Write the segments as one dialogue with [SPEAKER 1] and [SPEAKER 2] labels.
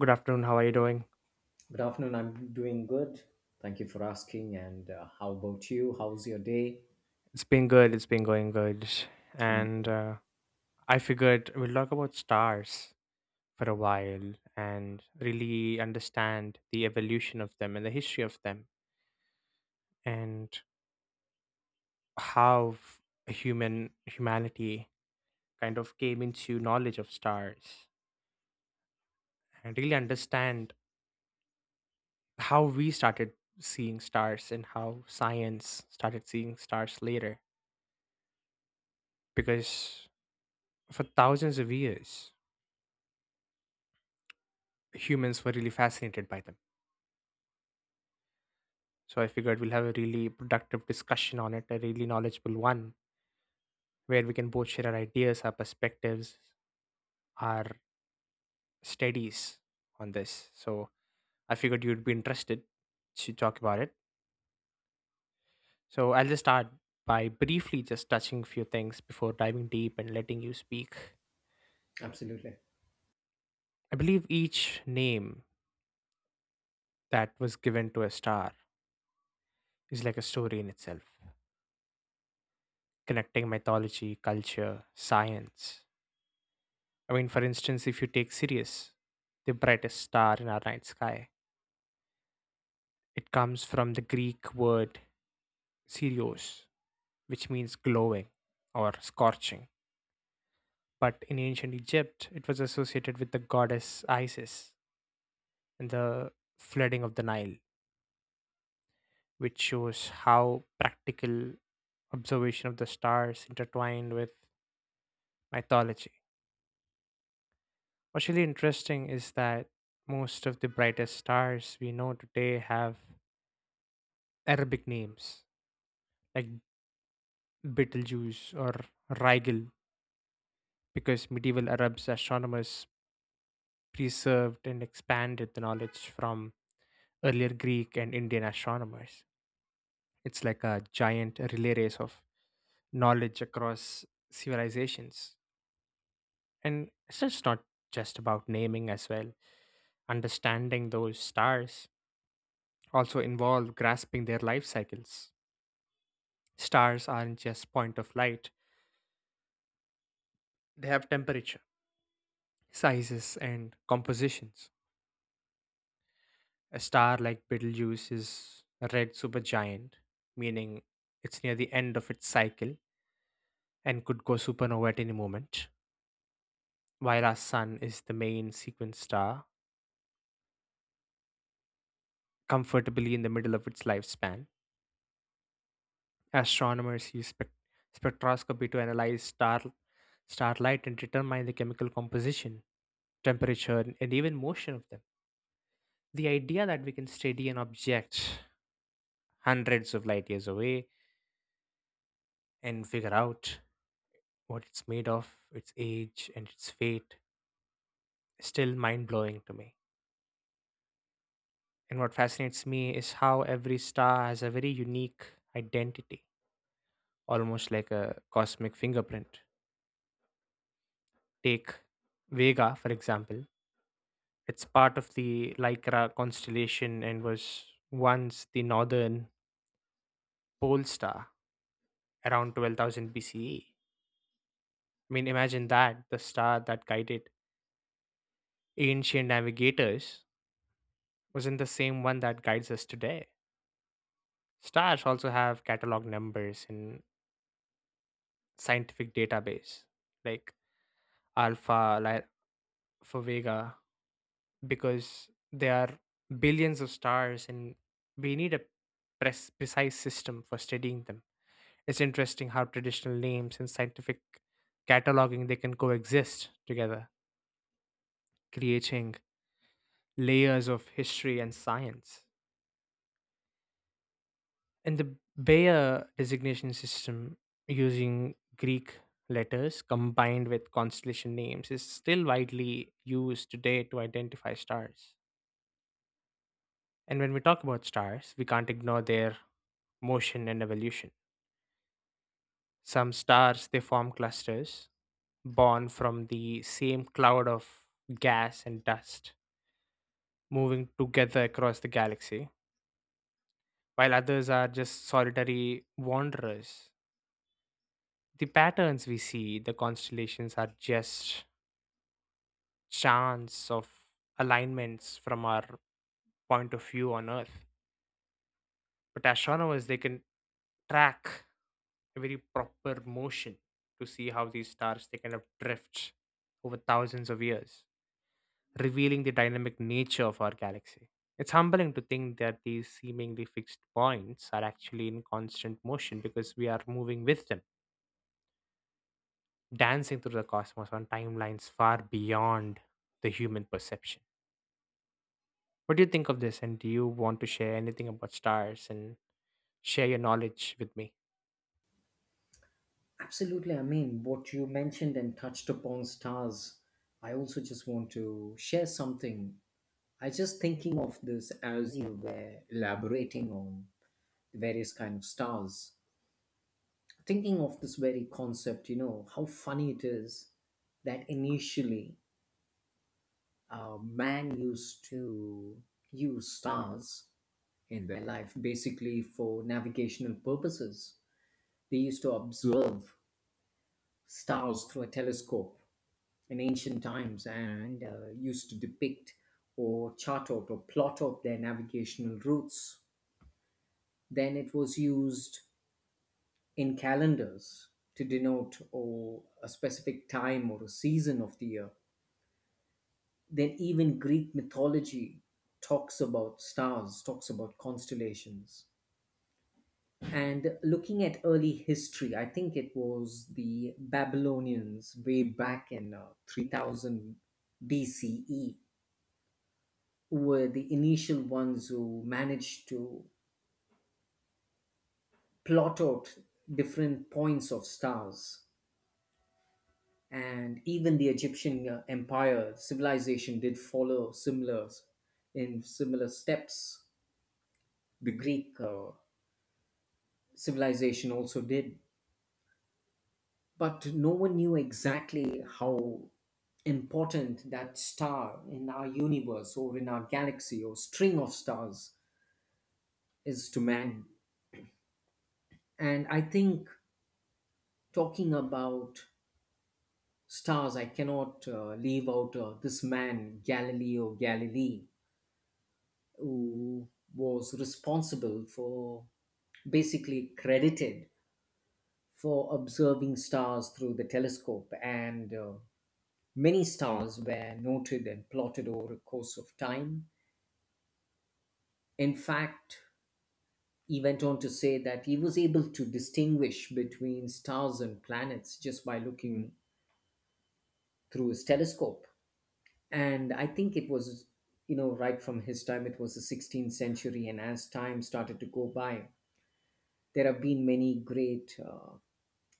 [SPEAKER 1] Good afternoon. How are you doing?
[SPEAKER 2] Good afternoon. I'm doing good. Thank you for asking. And how about you? How's your day?
[SPEAKER 1] It's been good. It's been going good.
[SPEAKER 2] I mean,
[SPEAKER 1] And I figured we'll talk about stars for a while and really understand the evolution of them and the history of them, and how humanity kind of came into knowledge of stars, and really understand how we started seeing stars and how science started seeing stars later, because for thousands of years humans were really fascinated by them. So I figured we'll have a really productive discussion on it, a really knowledgeable one, where we can both share our ideas, our perspectives, our studies on this. So I figured you'd be interested to talk about it. So I'll just start by briefly just touching a few things before diving deep and letting you speak.
[SPEAKER 2] absolutely.
[SPEAKER 1] I believe each name that was given to a star is like a story in itself, connecting mythology, culture, science. I mean, for instance, if you take Sirius, the brightest star in our night sky, it comes from the Greek word Sirios, which means glowing or scorching. But in ancient Egypt, it was associated with the goddess Isis and the flooding of the Nile, which shows how practical observation of the stars intertwined with mythology. What's really interesting is that most of the brightest stars we know today have Arabic names like Betelgeuse or Rigel, because medieval Arabs astronomers preserved and expanded the knowledge from earlier Greek and Indian astronomers. It's like a giant relay race of knowledge across civilizations. And it's just not just about naming as well. Understanding those stars also involve grasping their life cycles. Stars aren't just point of light, they have temperature, sizes, and compositions. A star like Betelgeuse is a red supergiant, meaning it's near the end of its cycle and could go supernova at any moment, while our Sun is the main sequence star, comfortably in the middle of its lifespan. Astronomers use spectroscopy to analyze starlight and determine the chemical composition, temperature, and even motion of them. The idea that we can study an object hundreds of light years away and figure out what it's made of, its age, and its fate, is still mind blowing to me. And what fascinates me is how every star has a very unique identity, almost like a cosmic fingerprint. Take Vega, for example. It's part of the Lycra constellation and was once the northern pole star around 12,000 BCE. I mean, imagine that the star that guided ancient navigators wasn't the same one that guides us today. Stars also have catalog numbers in scientific database like Alpha, Lyra, for Vega, because there are billions of stars and we need a precise system for studying them. It's interesting how traditional names and scientific cataloging they can coexist together, creating layers of history and science. And the Bayer designation system using Greek letters combined with constellation names is still widely used today to identify stars. And when we talk about stars, we can't ignore their motion and evolution. Some stars they form clusters, born from the same cloud of gas and dust, moving together across the galaxy, while others are just solitary wanderers. The patterns we see, the constellations, are just chance of alignments from our point of view on Earth, but astronomers they can track a very proper motion to see how these stars they kind of drift over thousands of years, revealing the dynamic nature of our galaxy. It's humbling to think that these seemingly fixed points are actually in constant motion, because we are moving with them, dancing through the cosmos on timelines far beyond the human perception. What do you think of this? And do you want to share anything about stars and share your knowledge with me?
[SPEAKER 2] Absolutely. I mean, what you mentioned and touched upon stars, I also just want to share something. I just thinking of this as you were elaborating on various kind of stars. Thinking of this very concept, you know, how funny it is that initially man used to use stars in their life basically for navigational purposes. They used to observe stars through a telescope in ancient times and used to depict or chart out or plot out their navigational routes. Then it was used in calendars to denote or a specific time or a season of the year. Then even Greek mythology talks about stars, talks about constellations. And looking at early history, I think it was the Babylonians way back in 3000 BCE, were the initial ones who managed to plot out different points of stars. And even the Egyptian empire civilization did follow similar in similar steps. The Greek civilization also did, but no one knew exactly how important that star in our universe or in our galaxy or string of stars is to man. And I think talking about stars, I cannot leave out this man, Galileo Galilei, who was responsible for, basically credited for, observing stars through the telescope, and many stars were noted and plotted over a course of time. In fact, he went on to say that he was able to distinguish between stars and planets just by looking through his telescope. And I think it was, you know, right from his time, it was the 16th century. And as time started to go by, there have been many great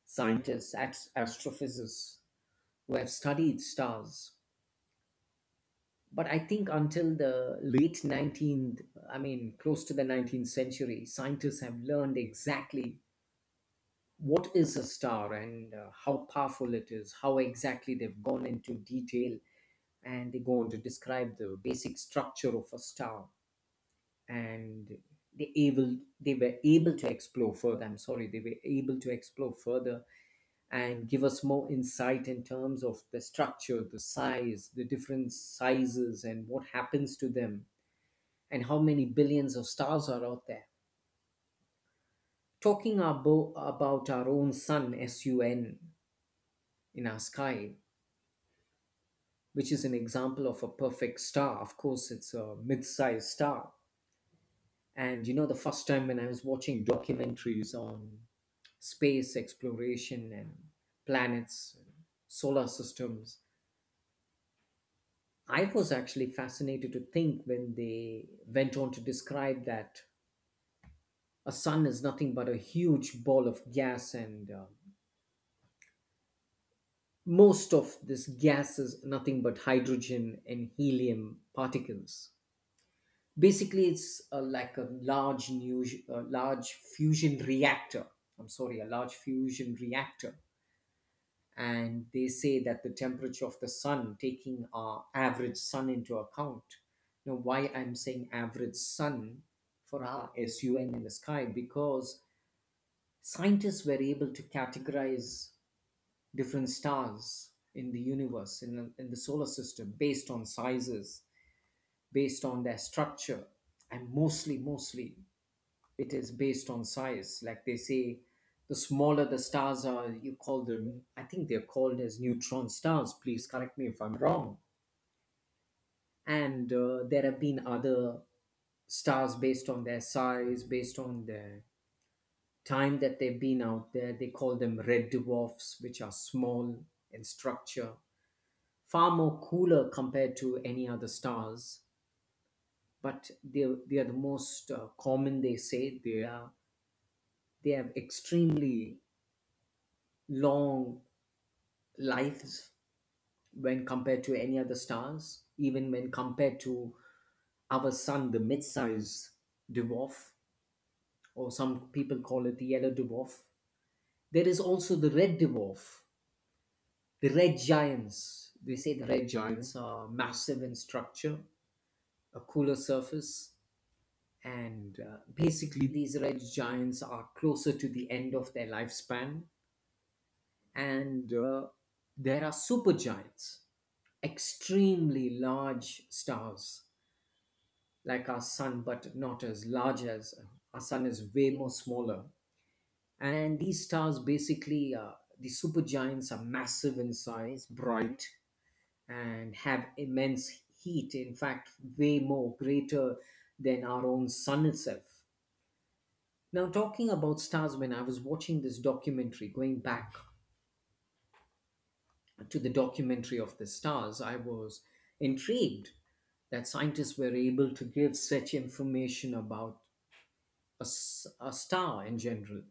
[SPEAKER 2] scientists, astrophysicists, who have studied stars, but I think until the late 19th, I mean, close to the 19th century, scientists have learned exactly what is a star and how powerful it is, how exactly they've gone into detail, and they go on to describe the basic structure of a star. And they were able to explore further. I'm sorry, they were able to explore further and give us more insight in terms of the structure, the size, the different sizes, and what happens to them and how many billions of stars are out there. Talking about our own sun, S U N, in our sky, which is an example of a perfect star. Of course, it's a mid sized star. And you know, the first time when I was watching documentaries on space exploration and planets and solar systems, I was actually fascinated to think when they went on to describe that a sun is nothing but a huge ball of gas, and most of this gas is nothing but hydrogen and helium particles. Basically, it's like a large new a large fusion reactor. I'm sorry A large fusion reactor. And they say that the temperature of the sun, taking our average sun into account, now why I'm saying average sun, for our sun in the sky, because scientists were able to categorize different stars in the universe, in the solar system, based on sizes, based on their structure, and mostly, it is based on size. Like they say, the smaller the stars are, you call them, I think they're called as neutron stars. Please correct me if I'm wrong. And there have been other stars based on their size, based on their time that they've been out there. They call them red dwarfs, which are small in structure, far more cooler compared to any other stars, but they are the most common. They say they are, they have extremely long lives when compared to any other stars, even when compared to our sun, the mid-size dwarf, or some people call it the yellow dwarf. There is also the red dwarf, the red giants. They say the red giants are massive in structure, a cooler surface, and basically these red giants are closer to the end of their lifespan. And there are supergiants, extremely large stars like our sun, but not as large as our sun is way more smaller. And these stars basically, the supergiants, are massive in size, bright, and have immense heat, in fact way more greater than our own sun itself. Now, talking about stars, when I was watching this documentary, going back to the documentary of the stars, I was intrigued that scientists were able to give such information about a star in general.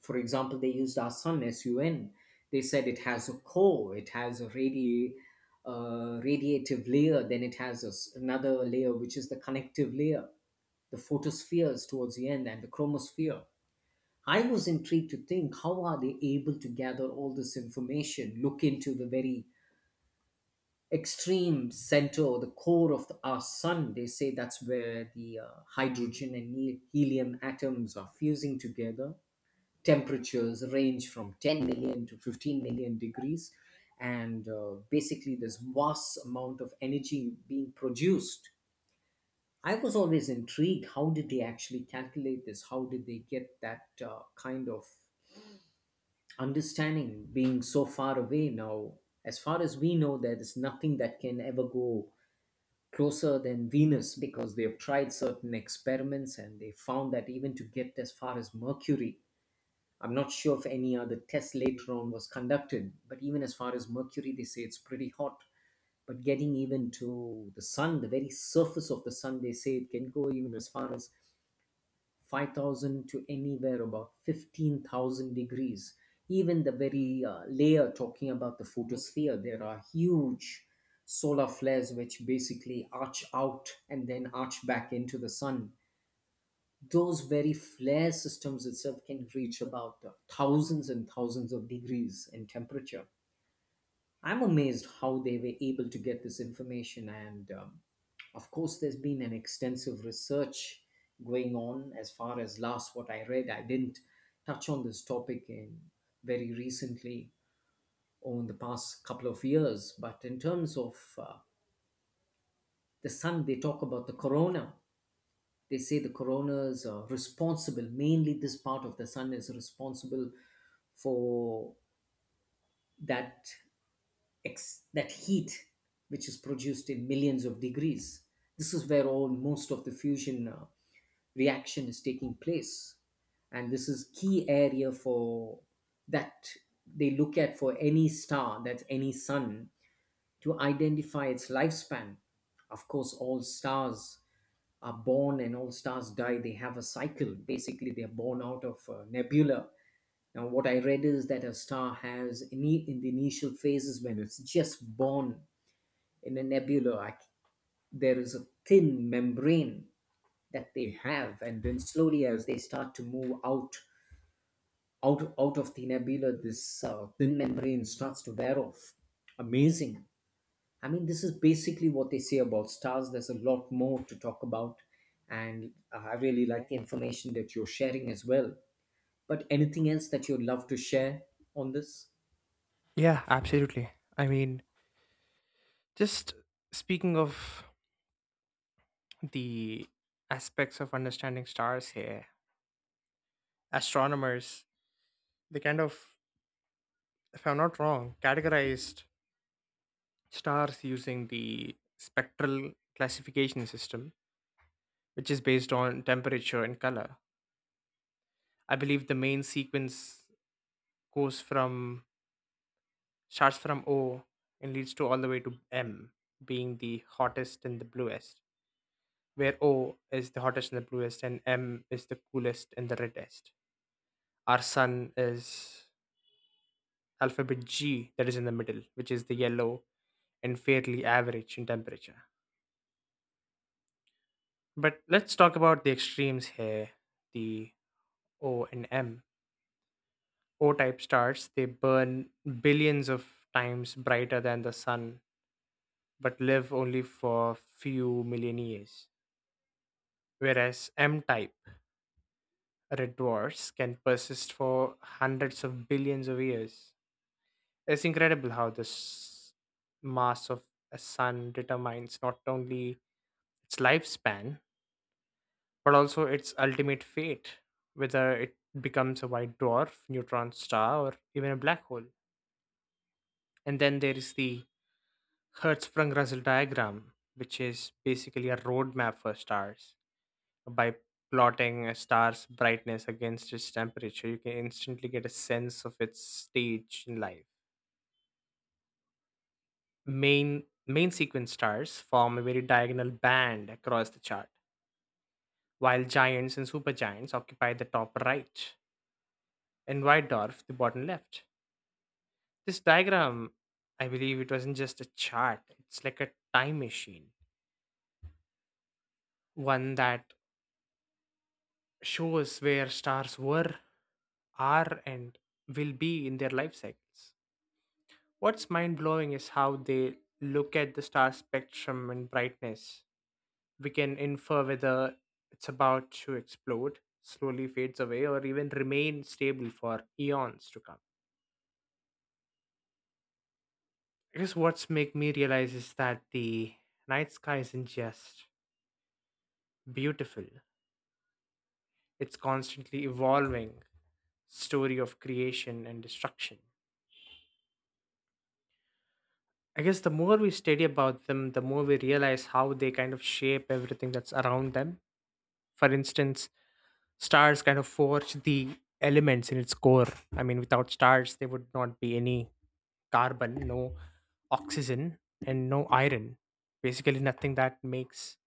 [SPEAKER 2] For example, they used our sun, SUN. They said it has a core, it has a radiative layer, then it has a s another layer, which is the connective layer, the photospheres towards the end, and the chromosphere. I was intrigued to think how are they able to gather all this information, look into the very extreme center or the core of our sun. They say that's where the hydrogen and helium atoms are fusing together. Temperatures range from 10 million to 15 million degrees, and basically, this vast amount of energy being produced. I was always intrigued. How did they actually calculate this? How did they get that kind of understanding being so far away? Now as far as we know, there is nothing that can ever go closer than Venus, because they have tried certain experiments and they found that even to get as far as Mercury, I'm not sure if any other test later on was conducted, but even as far as Mercury, they say it's pretty hot. But getting even to the sun, the very surface of the sun, they say it can go even as far as 5,000 to anywhere about 15,000 degrees. Even the very layer, talking about the photosphere, there are huge solar flares which basically arch out and then arch back into the sun. Those very flare systems itself can reach about thousands and thousands of degrees in temperature. I'm amazed how they were able to get this information. And of course, there's been an extensive research going on as far as last what I read. I didn't touch on this topic in very recently or in the past couple of years, but in terms of the sun, they talk about the corona. They say the corona is responsible, mainly this part of the sun is responsible for that that heat which is produced in millions of degrees. This is where all most of the fusion reaction is taking place, and this is key area for that they look at for any star, that's any sun, to identify its lifespan. Of course, all stars are born and all stars die. They have a cycle. Basically, they're born out of a nebula. Now, what I read is that a star has in the initial phases, when it's just born in a nebula, like there is a thin membrane that they have, and then slowly as they start to move out, out out of the nebula, this thin membrane starts to wear off. Amazing. I mean, this is basically what they say about stars. There's a lot more to talk about, and I really like the information that you're sharing as well, but anything else that you'd love to share on this?
[SPEAKER 1] Yeah, absolutely. I mean, just speaking of the aspects of understanding stars here, astronomers, they kind of, if I'm not wrong, categorized stars using the spectral classification system, which is based on temperature and color. I believe the main sequence goes from, starts from, O and leads to all the way to M, being the hottest and the bluest, where O is the hottest and the bluest, and M is the coolest and the reddest. Our sun is alphabet G that is in the middle, which is the yellow and fairly average in temperature. But let's talk about the extremes here, the O and M. O type stars, they burn billions of times brighter than the sun but live only for few million years. Whereas M type red dwarfs can persist for hundreds of billions of years. It's incredible how the mass of a sun determines not only its lifespan, but also its ultimate fate, whether it becomes a white dwarf, neutron star, or even a black hole. And then there is the Hertzsprung Russell diagram, which is basically a roadmap for stars. By plotting a star's brightness against its temperature, you can instantly get a sense of its stage in life. Main sequence stars form a very diagonal band across the chart, while giants and supergiants occupy the top right, and white dwarf the bottom left. This diagram, I believe it wasn't just a chart, it's like a time machine. One that shows where stars were, are, and will be in their life cycles. What's mind blowing is how they look at the star spectrum and brightness. We can infer whether it's about to explode, slowly fades away, or even remain stable for eons to come. I guess what's make me realize is that the night sky isn't just beautiful. It's constantly evolving story of creation and destruction. I guess the more we study about them, the more we realize how they kind of shape everything that's around them. For instance, stars kind of forge the elements in its core. I mean, without stars, there would not be any carbon, no oxygen, and no iron. Basically, nothing that makes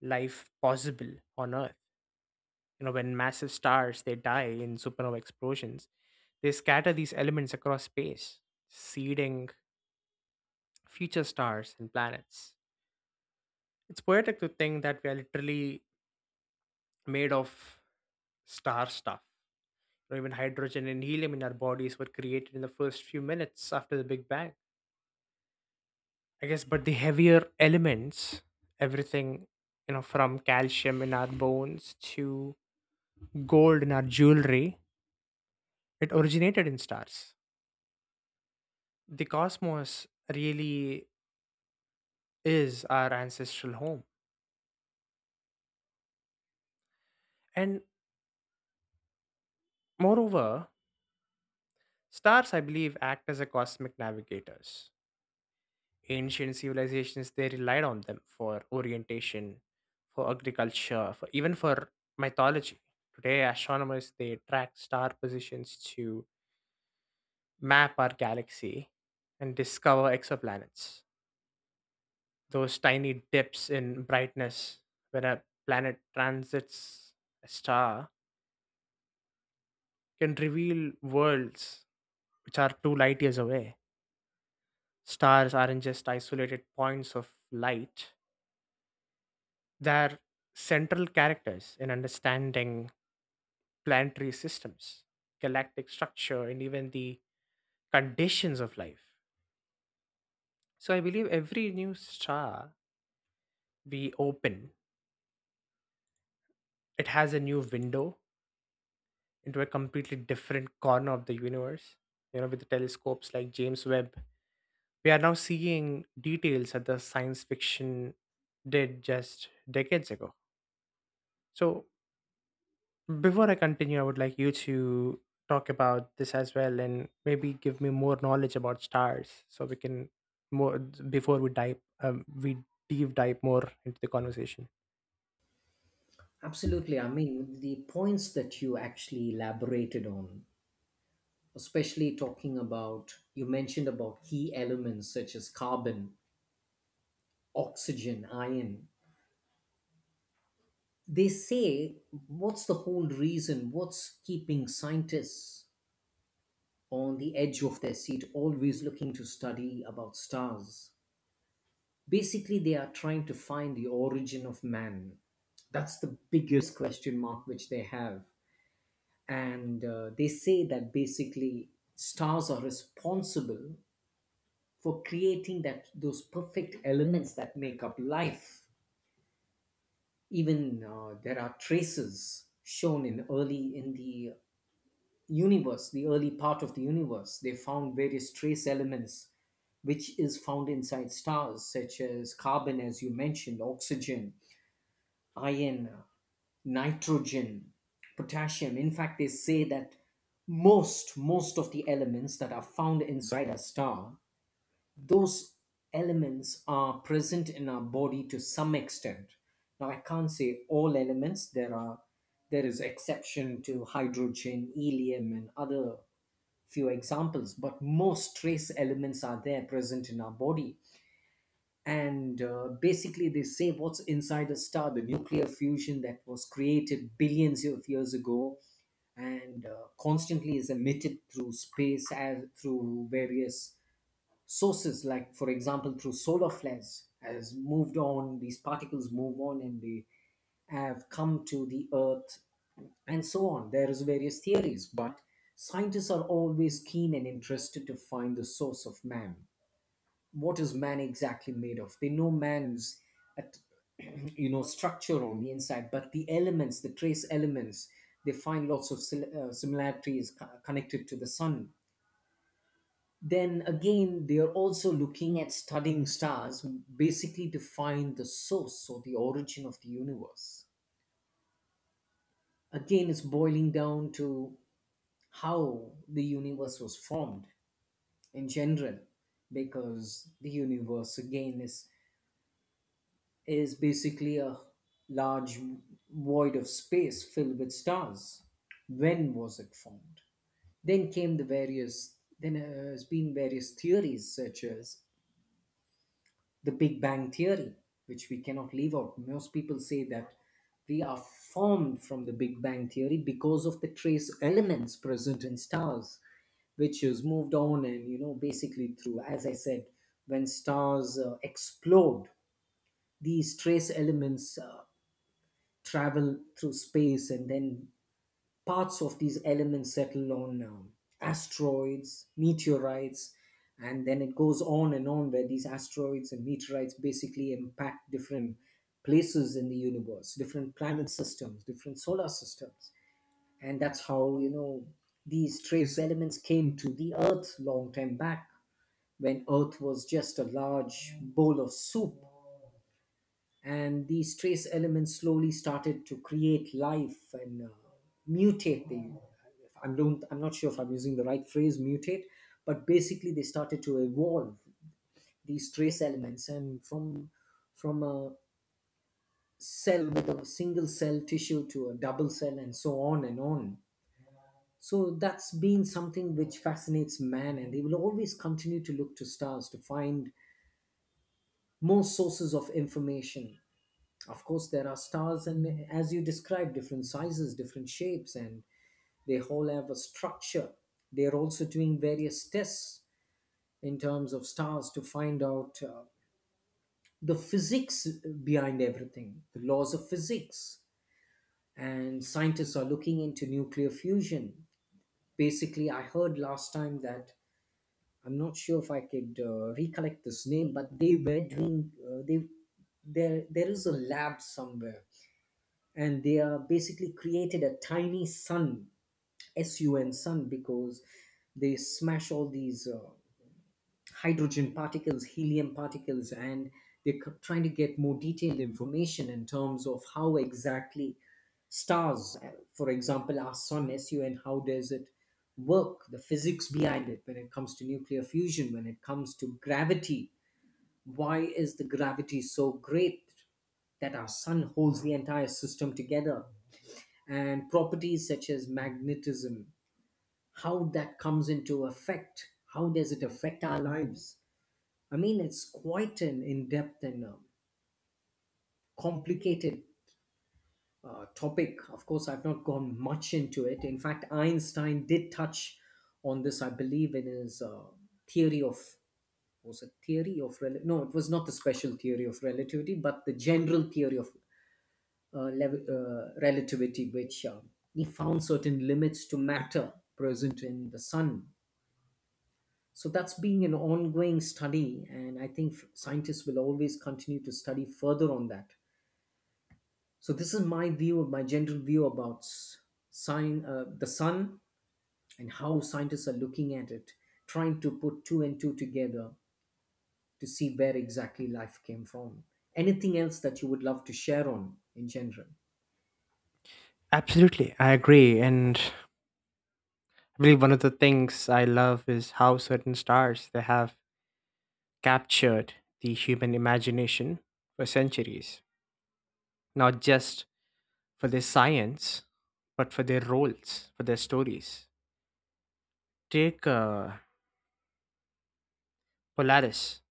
[SPEAKER 1] life possible on Earth. When massive stars they die in supernova explosions, they scatter these elements across space, seeding future stars and planets. It's poetic to think that we are literally made of star stuff, or even hydrogen and helium in our bodies were created in the first few minutes after the Big Bang. I guess, but the heavier elements, everything, from calcium in our bones to gold in our jewelry, it originated in stars. The cosmos really is our ancestral home. And moreover, stars, I believe, act as a cosmic navigators. Ancient civilizations they relied on them for orientation, for agriculture, for even for mythology. Today, astronomers they track star positions to map our galaxy and discover exoplanets. Those tiny dips in brightness when a planet transits a star can reveal worlds which are two light years away. Stars aren't just isolated points of light, they're central characters in understanding planetary systems, galactic structure, and even the conditions of life. So I believe every new star we open, it has a new window into a completely different corner of the universe. With the telescopes like James Webb, we are now seeing details that the science fiction did just decades ago. So before I continue, I would like you to talk about this as well and maybe give me more knowledge about stars, so we can more before we dive we deep dive more into the conversation.
[SPEAKER 2] Absolutely. I mean, the points that you actually elaborated on, especially talking about, you mentioned about key elements such as carbon, oxygen, iron, they say what's the whole reason, what's keeping scientists on the edge of their seat always looking to study about stars, basically they are trying to find the origin of man. That's the biggest question mark which they have. And they say that basically stars are responsible for creating that, those perfect elements that make up life. Even there are traces shown in early in the universe, the early part of the universe. They found various trace elements which is found inside stars, such as carbon, as you mentioned, oxygen, iron, nitrogen, potassium. In fact, they say that most of the elements that are found inside a star, those elements are present in our body to some extent. Now I can't say all elements. There is exception to hydrogen, helium and other few examples, but most trace elements are there present in our body. And basically they say what's inside a star, the nuclear fusion that was created billions of years ago, and constantly is emitted through space as through various sources, like for example through solar flares. Has moved on These particles move on and they have come to the Earth and so on. There is various theories, but scientists are always keen and interested to find the source of man. What is man exactly made of? They know man's at structure on the inside. But the elements, the trace elements, they find lots of similarities connected to the sun. Then again, they are also looking at studying stars, basically to find the source or the origin of the universe. Again, it's boiling down to how the universe was formed in general, because the universe again is basically a large void of space filled with stars. When was it formed? Then has been various theories such as the Big Bang Theory, which we cannot leave out. Most people say that we are formed from the Big Bang Theory because of the trace elements present in stars, which is moved on and, basically through, as I said, when stars explode, these trace elements travel through space, and then parts of these elements settle on asteroids, meteorites, and then it goes on and on where these asteroids and meteorites basically impact different places in the universe, different planet systems, different solar systems. And that's how, these trace elements came to the Earth long time back when Earth was just a large bowl of soup. And these trace elements slowly started to create life and mutate the I don't I'm not sure if I'm using the right phrase, mutate, but basically they started to evolve, these trace elements, and from a cell with a single cell tissue to a double cell and so on and on. So that's been something which fascinates man, and they will always continue to look to stars to find more sources of information. Of course, there are stars and, as you described, different sizes, different shapes, and they all have a structure. They are also doing various tests in terms of stars to find out the physics behind everything, the laws of physics. And scientists are looking into nuclear fusion. Basically, I heard last time that I'm not sure if I could recollect this name, but they were doing they there is a lab somewhere, and they are basically created a tiny sun, S U N sun, because they smash all these. Hydrogen particles, helium particles, and they're trying to get more detailed information in terms of how exactly stars, for example, our sun SUN, how does it work, the physics behind it when it comes to nuclear fusion, when it comes to gravity. Why is the gravity so great that our sun holds the entire system together? And properties such as magnetism, how that comes into effect, how does it affect our lives? I mean, it's quite an in depth and complicated topic. Of course, I've not gone much into it. In fact, Einstein did touch on this, I believe, in his theory of, was it theory of no, it was not the special theory of relativity, but the general theory of relativity, which he found certain limits to matter present in the sun. So that's being an ongoing study, and I think scientists will always continue to study further on that. So this is my view, my general view about s- sign the sun and how scientists are looking at it, trying to put two and two together to see where exactly life came from. Anything else that you would love to share on in general?
[SPEAKER 1] Absolutely, I agree, and I believe one of the things I love is how certain stars they have captured the human imagination for centuries, not just for their science, but for their roles, for their stories. Take Polaris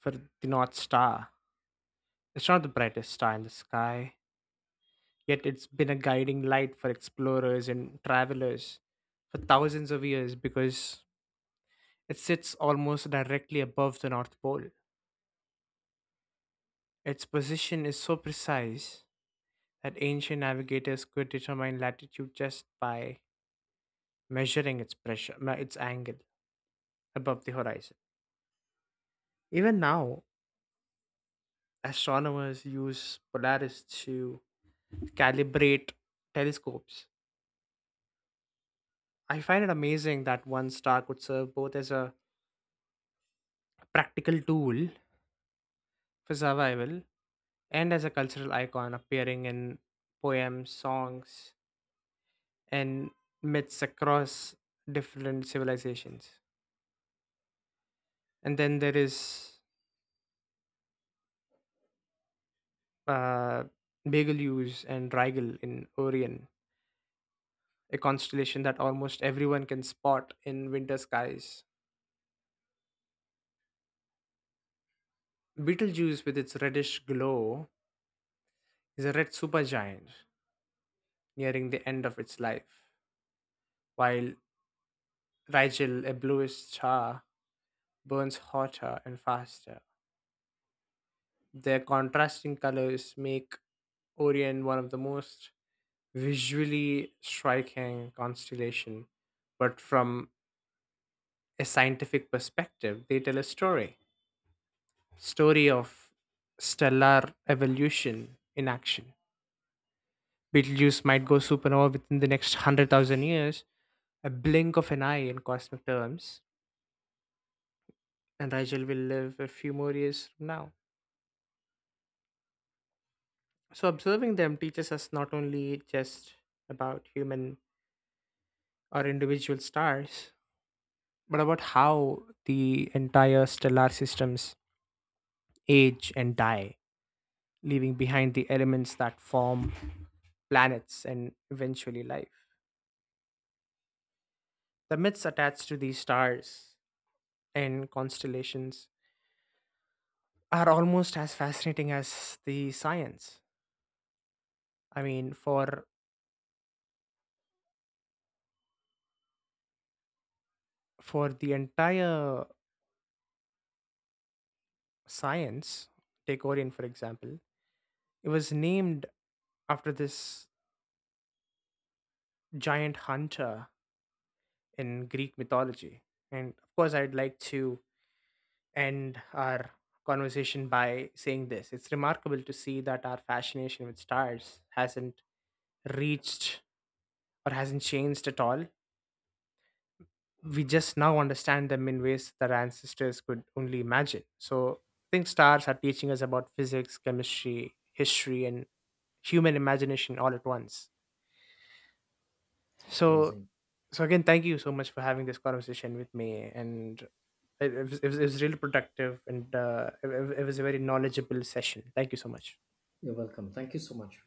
[SPEAKER 1] for the North Star. It's not the brightest star in the sky, yet it's been a guiding light for explorers and travelers for thousands of years because it sits almost directly above the North Pole. Its position is so precise that ancient navigators could determine latitude just by measuring its its angle above the horizon. Even now, astronomers use Polaris to calibrate telescopes. I find it amazing that one star could serve both as a practical tool for survival and as a cultural icon, appearing in poems, songs, and myths across different civilizations. And then there is uh, Betelgeuse and Rigel in Orion, a constellation that almost everyone can spot in winter skies. Betelgeuse, with its reddish glow, is a red supergiant nearing the end of its life, while Rigel, a bluish star, burns hotter and faster. Their contrasting colors make Orion one of the most visually striking constellation, but from a scientific perspective, they tell a story. Story of stellar evolution in action. Betelgeuse might go supernova within the next 100,000 years, a blink of an eye in cosmic terms, and Rigel will live a few more years from now. So, observing them teaches us not only just about human or individual stars, but about how the entire stellar systems age and die, leaving behind the elements that form planets and eventually life. The myths attached to these stars and constellations are almost as fascinating as the science. I mean, for the entire science, Gregorian, for example, it was named after this giant hunter in Greek mythology. And of course, I'd like to end our conversation by saying this: it's remarkable to see that our fascination with stars hasn't reached, or hasn't changed at all. We just now understand them in ways that our ancestors could only imagine. So I think stars are teaching us about physics, chemistry, history, and human imagination all at once. So
[SPEAKER 2] Amazing.
[SPEAKER 1] so again, thank you so much for having this conversation with me, and it was really productive, and it was a very knowledgeable session. Thank you so much.
[SPEAKER 2] You're welcome. Thank you so much.